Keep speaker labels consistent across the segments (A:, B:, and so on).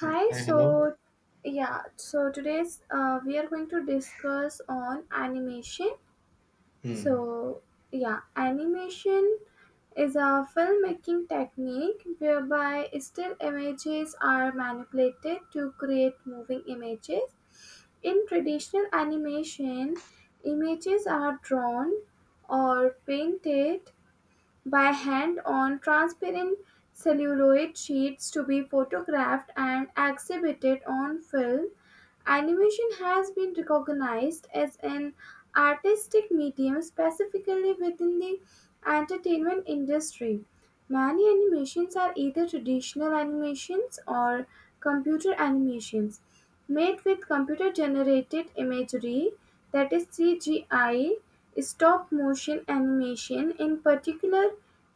A: Hmm.
B: Hi,
A: Hi, hello.
B: so yeah, so today's we are going to discuss on animation.
A: Hmm.
B: So yeah, animation is a filmmaking technique whereby still images are manipulated to create moving images. In traditional animation, images are drawn or painted by hand on transparent celluloid sheets to be photographed and exhibited on film. Animation has been recognized as an artistic medium specifically within the entertainment industry. Many animations are either traditional animations or computer animations made with computer generated imagery, that is CGI, stop motion animation, in particular,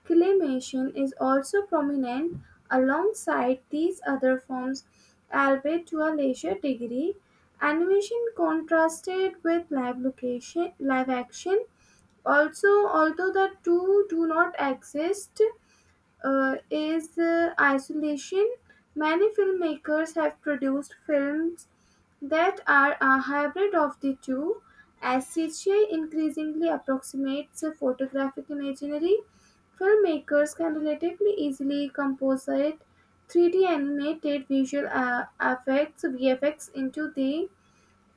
B: claymation is also prominent alongside these other forms, albeit to a lesser degree. Animation contrasted with live location, live action also although the two do not exist is isolation. Many filmmakers have produced films that are a hybrid of the two, as CGI increasingly approximates a photographic imagery. Filmmakers can relatively easily composite 3D animated visual effects (VFX) into the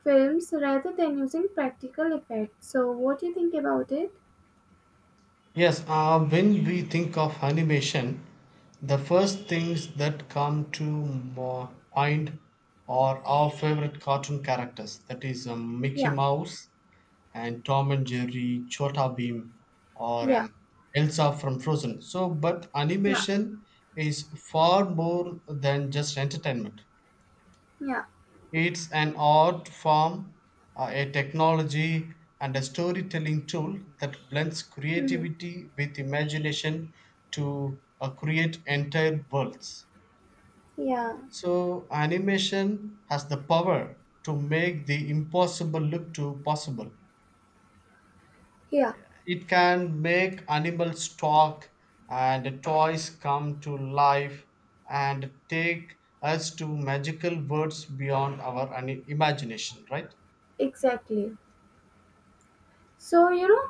B: films rather than using practical effects. So, what do you think about it?
A: Yes, when we think of animation, the first things that come to my mind are our favorite cartoon characters. That is Mickey
B: Yeah,
A: Mouse and Tom and Jerry, Chota Bheem, or
B: yeah,
A: Elsa from Frozen. So, but
B: yeah,
A: animation is far more than just entertainment.
B: yeah.
A: It's an art form, a technology, and a storytelling tool that blends
B: Hmm.
A: creativity with imagination to create entire worlds.
B: Yeah,
A: So, animation has the power to make the impossible look to possible.
B: yeah.
A: It can make animals talk and toys come to life and take us to magical worlds beyond our imagination, right?
B: Exactly. So,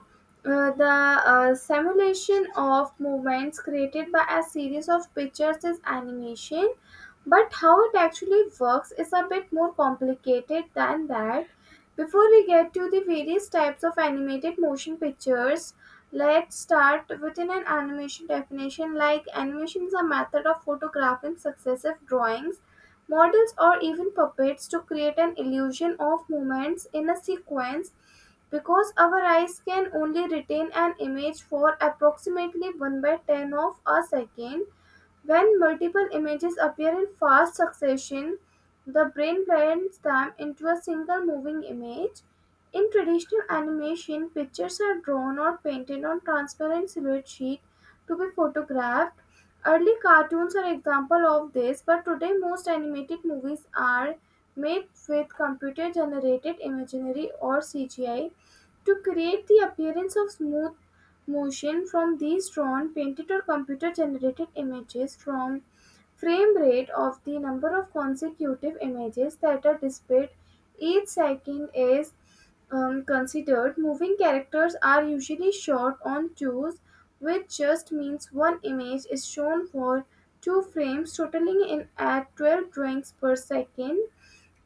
B: the simulation of movements created by a series of pictures is animation, but how it actually works is a bit more complicated than that. Before we get to the various types of animated motion pictures, let's start within an animation definition. Like, animation is a method of photographing successive drawings, models, or even puppets to create an illusion of movements in a sequence because our eyes can only retain an image for approximately 1 by 10 of a second. When multiple images appear in fast succession, the brain blends them into a single moving image. In traditional animation, pictures are drawn or painted on transparent silhouette sheet to be photographed. Early cartoons are example of this, but today most animated movies are made with computer generated imaginary or CGI to create the appearance of smooth motion from these drawn, painted, or computer generated images. From frame rate of the number of consecutive images that are displayed each second is considered. Moving characters are usually shot on twos, which just means one image is shown for two frames, totaling in at 12 drawings per second.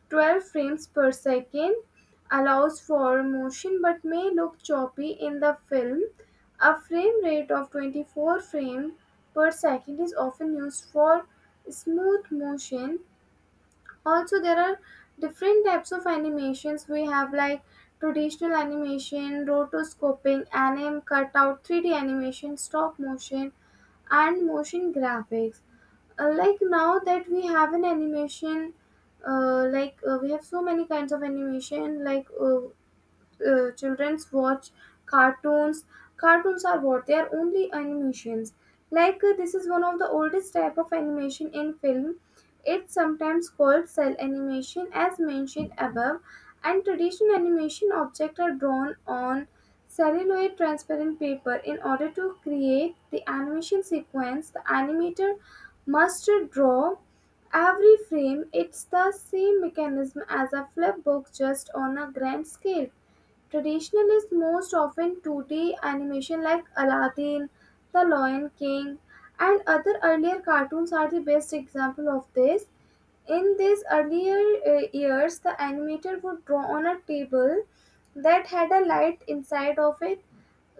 B: 12 frames per second allows for motion but may look choppy in the film. A frame rate of 24 frames per second is often used for smooth motion. Also, there are different types of animations we have like traditional animation, rotoscoping, anim cutout, 3D animation, stop motion, and motion graphics. Like now that we have an animation like we have so many kinds of animation like children's watch cartoons. Cartoons are what they are, only animations, like this is one of the oldest type of animation in film. It's sometimes called cell animation, as mentioned above, and traditional animation objects are drawn on celluloid transparent paper. In order to create the animation sequence, the animator must draw every frame. It's the same mechanism as a flip book, just on a grand scale. Traditional is most often 2D animation like Aladdin, The Lion King, and other earlier cartoons are the best example of this. In these earlier years, the animator would draw on a table that had a light inside of it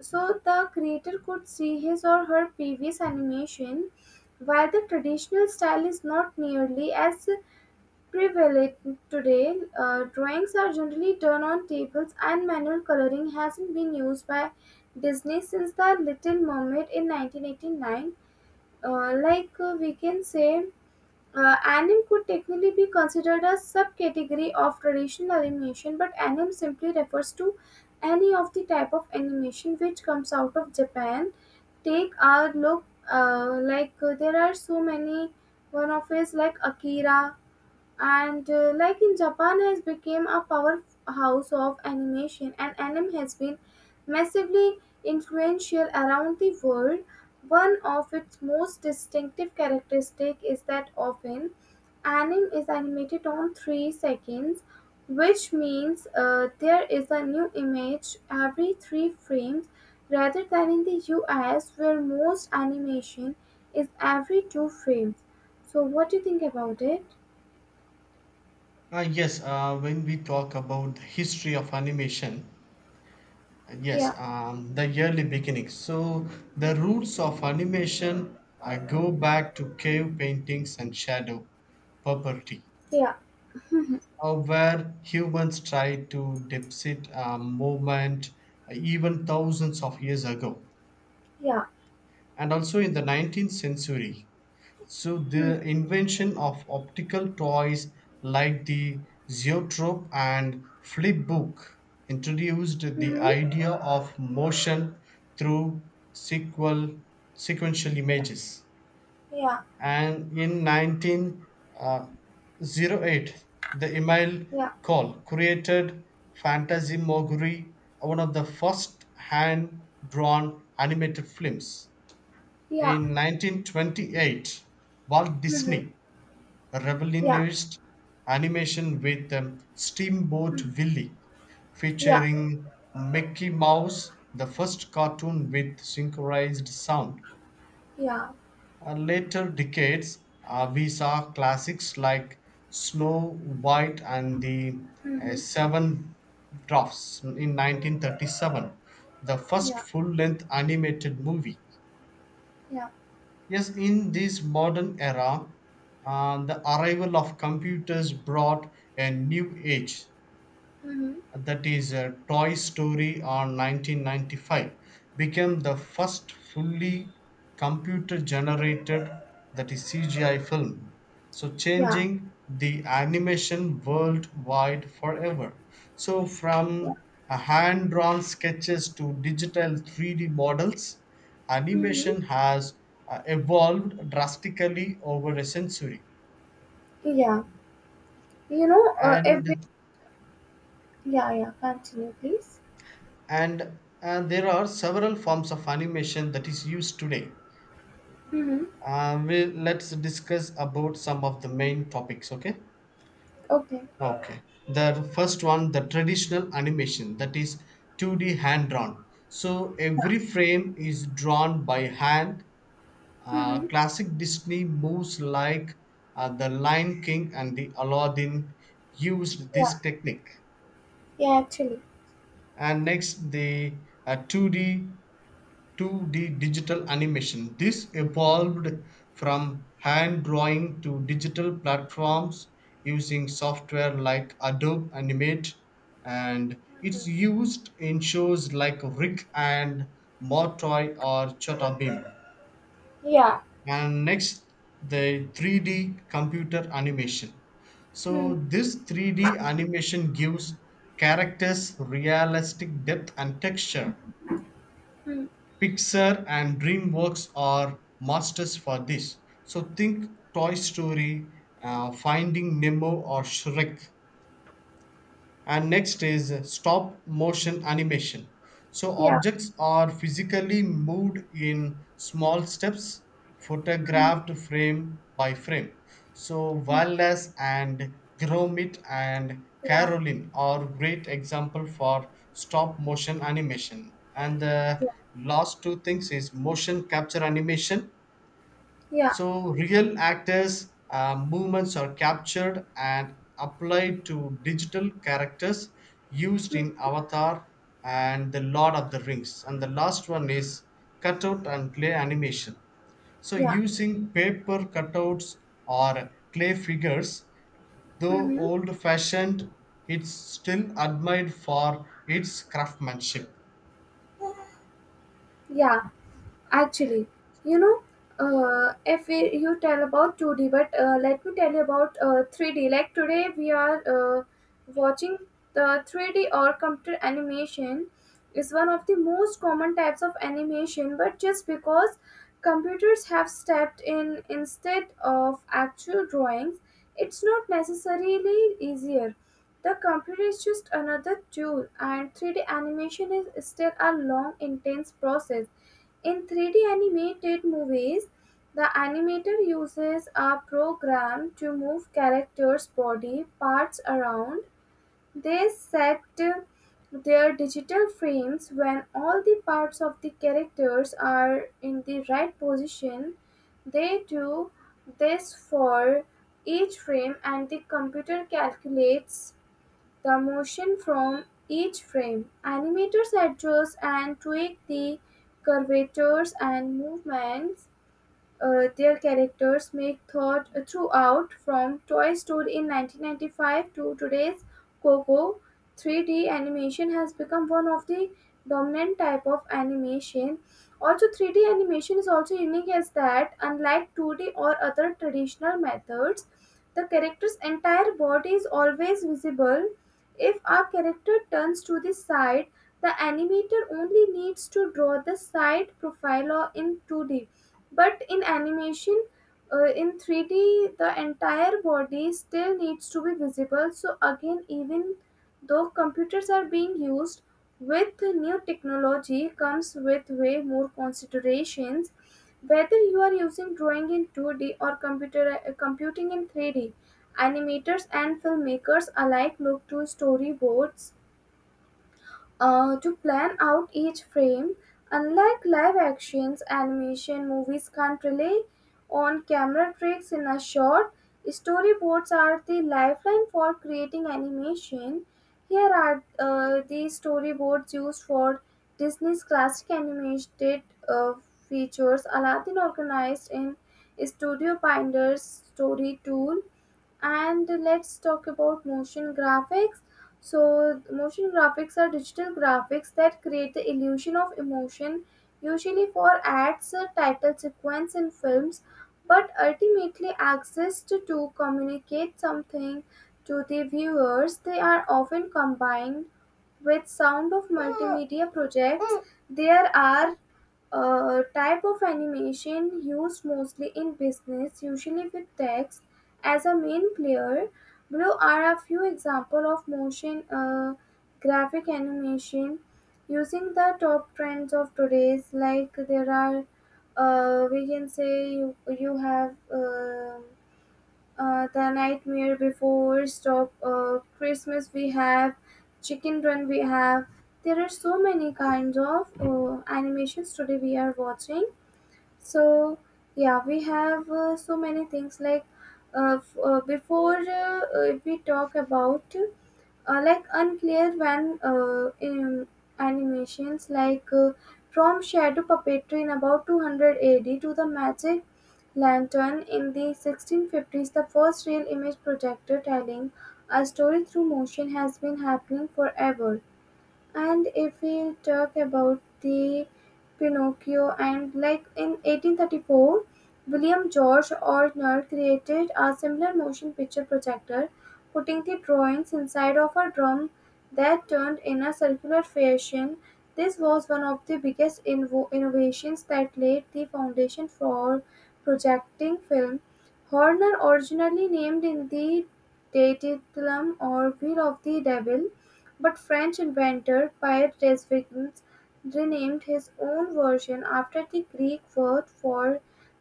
B: so the creator could see his or her previous animation. While the traditional style is not nearly as prevalent today, drawings are generally done on tables, and manual coloring hasn't been used by Disney since The Little Mermaid in 1989. Like we can say, anime could technically be considered a subcategory of traditional animation, but anime simply refers to any of the type of animation which comes out of Japan. Take a look, like there are so many. One of is like Akira. And like in Japan has become a powerhouse of animation, and anime has been massively influential around the world. One of its most distinctive characteristic is that often anime is animated on 3 seconds, which means there is a new image every 3 frames rather than in the US where most animation is every 2 frames. So what do you think about it?
A: Yes, when we talk about the history of animation, yes,
B: Yeah,
A: the early beginnings. So the roots of animation go back to cave paintings and shadow puppetry,
B: yeah,
A: where humans tried to depict movement even thousands of years ago.
B: yeah.
A: And also in the 19th century, so
B: Hmm.
A: the invention of optical toys like the zoetrope and flip book introduced the
B: Mm-hmm.
A: idea of motion through sequel, sequential
B: Yeah,
A: images.
B: yeah,
A: And in 1908, the email
B: yeah,
A: call created Phantasmagory, one of the first hand-drawn animated films.
B: yeah.
A: In 1928, Walt
B: Mm-hmm.
A: Disney
B: Yeah.
A: rebellionist animation with Steamboat
B: Mm.
A: Willie,
B: Yeah,
A: featuring Mickey Mouse, the first cartoon with synchronized sound.
B: yeah.
A: Later decades, we saw classics like Snow White and the
B: Mm-hmm.
A: Seven Dwarfs in 1937, the first
B: Yeah,
A: full length animated movie.
B: yeah.
A: Yes, in this modern era, the arrival of computers brought a new age.
B: Mm-hmm.
A: That is Toy Story on 1995 became the first fully computer generated, that is CGI film, so
B: Yeah,
A: changing the animation worldwide forever. So
B: yeah.
A: from hand drawn sketches to digital 3D models,
B: Mm-hmm.
A: animation has evolved drastically over a century.
B: Yeah. You know,
A: and
B: every Yeah, yeah. Continue, please.
A: and and there are several forms of animation that is used today.
B: Mm-hmm.
A: We Let's discuss about some of the main topics, okay?
B: Okay.
A: Okay, the first one, the traditional animation, that is 2d hand drawn, so every frame is drawn by hand.
B: Mm-hmm.
A: Classic disney moves like the lion king and the aladdin used
B: Yeah,
A: this technique.
B: yeah. Actually,
A: And next, the uh, 2d 2D digital animation. This evolved from hand drawing to digital platforms using software like Adobe Animate, and it's used in shows like Rick and Morty or Chota Bim.
B: yeah.
A: And next, the 3D computer animation.
B: Hmm.
A: So this 3D animation gives characters realistic depth and texture.
B: Hmm.
A: Pixar and DreamWorks are masters for this. So think Toy Story, Finding Nemo, or Shrek. And next is stop motion animation, so
B: Yeah,
A: objects are physically moved in small steps, photographed frame by frame. So
B: yeah,
A: Wallace and Gromit and
B: yeah,
A: Caroline are great example for stop motion animation. And the
B: yeah,
A: last two things is motion capture animation,
B: yeah.
A: so real actors' movements are captured and applied to digital characters, used
B: Mm.
A: in Avatar and the Lord of the Rings. And the last one is cutout and clay animation. So
B: Yeah.
A: using paper cutouts or clay figures, though
B: Mm-hmm.
A: old-fashioned, it's still admired for its craftsmanship.
B: Yeah. Actually, you know, if we, you tell about 2D, but let me tell you about 3D. Like today, we are uh, watching the 3D or computer animation is one of the most common types of animation, but just because computers have stepped in instead of actual drawings, it's not necessarily easier. The computer is just another tool, and 3D animation is still a long, intense process. In 3D animated movies, the animator uses a program to move characters' body parts around. They set their digital frames when all the parts of the characters are in the right position. They do this for each frame, and the computer calculates the motion from each frame. Animators adjust and tweak the curvatures and movements their characters make thought throughout from Toy Story in 1995 to today's Coco. 3D animation has become one of the dominant type of animation. Also, 3D animation is also unique as that, unlike 2D or other traditional methods, the character's entire body is always visible. If our character turns to the side, the animator only needs to draw the side profile or in 2D, but in animation, in 3D, the entire body still needs to be visible. So, again, even though computers are being used, with new technology comes with way more considerations. Whether you are using drawing in 2D or computer computing in 3D, animators and filmmakers alike look to storyboards to plan out each frame. Unlike live actions, animation movies can't rely on camera tricks in a shot. Storyboards are the lifeline for creating animation. Here are the storyboards used for Disney's classic animated uh, features Aladdin, organized in Studio Binder's story tool. And let's talk about motion graphics. So motion graphics are digital graphics that create the illusion of emotion, usually for ads, title sequence in films, but ultimately exist to communicate something to the viewers. They are often combined with sound of multimedia projects. There are a type of animation used mostly in business, usually with text as a main player. Below are a few examples of motion graphic animation using the top trends of today's. Like there are, we can say you have. The Nightmare Before stop Christmas, we have Chicken Run, we have there are so many kinds of animations today we are watching. So yeah, we have so many things like before we talk about like unclear when in animations like from shadow puppetry in about 200 AD to the magic lantern in the 1650s, the first real image projector telling a story through motion has been happening forever. And if we talk about the Pinocchio, and like in 1834, William George Ortner created a similar motion picture projector, putting the drawings inside of a drum that turned in a circular fashion. This was one of the biggest innovations that laid the foundation for projecting film. Horner originally named in the Daedalus or Wheel of the Devil, but French inventor Pierre Desvignes renamed his own version after the Greek word for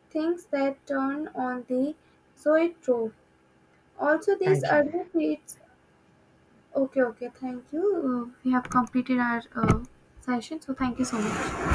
B: things that turn, on the zoetrope. Also, these
A: Thank you.
B: early plates. Okay, okay, thank you. We have completed our session, so thank you so much.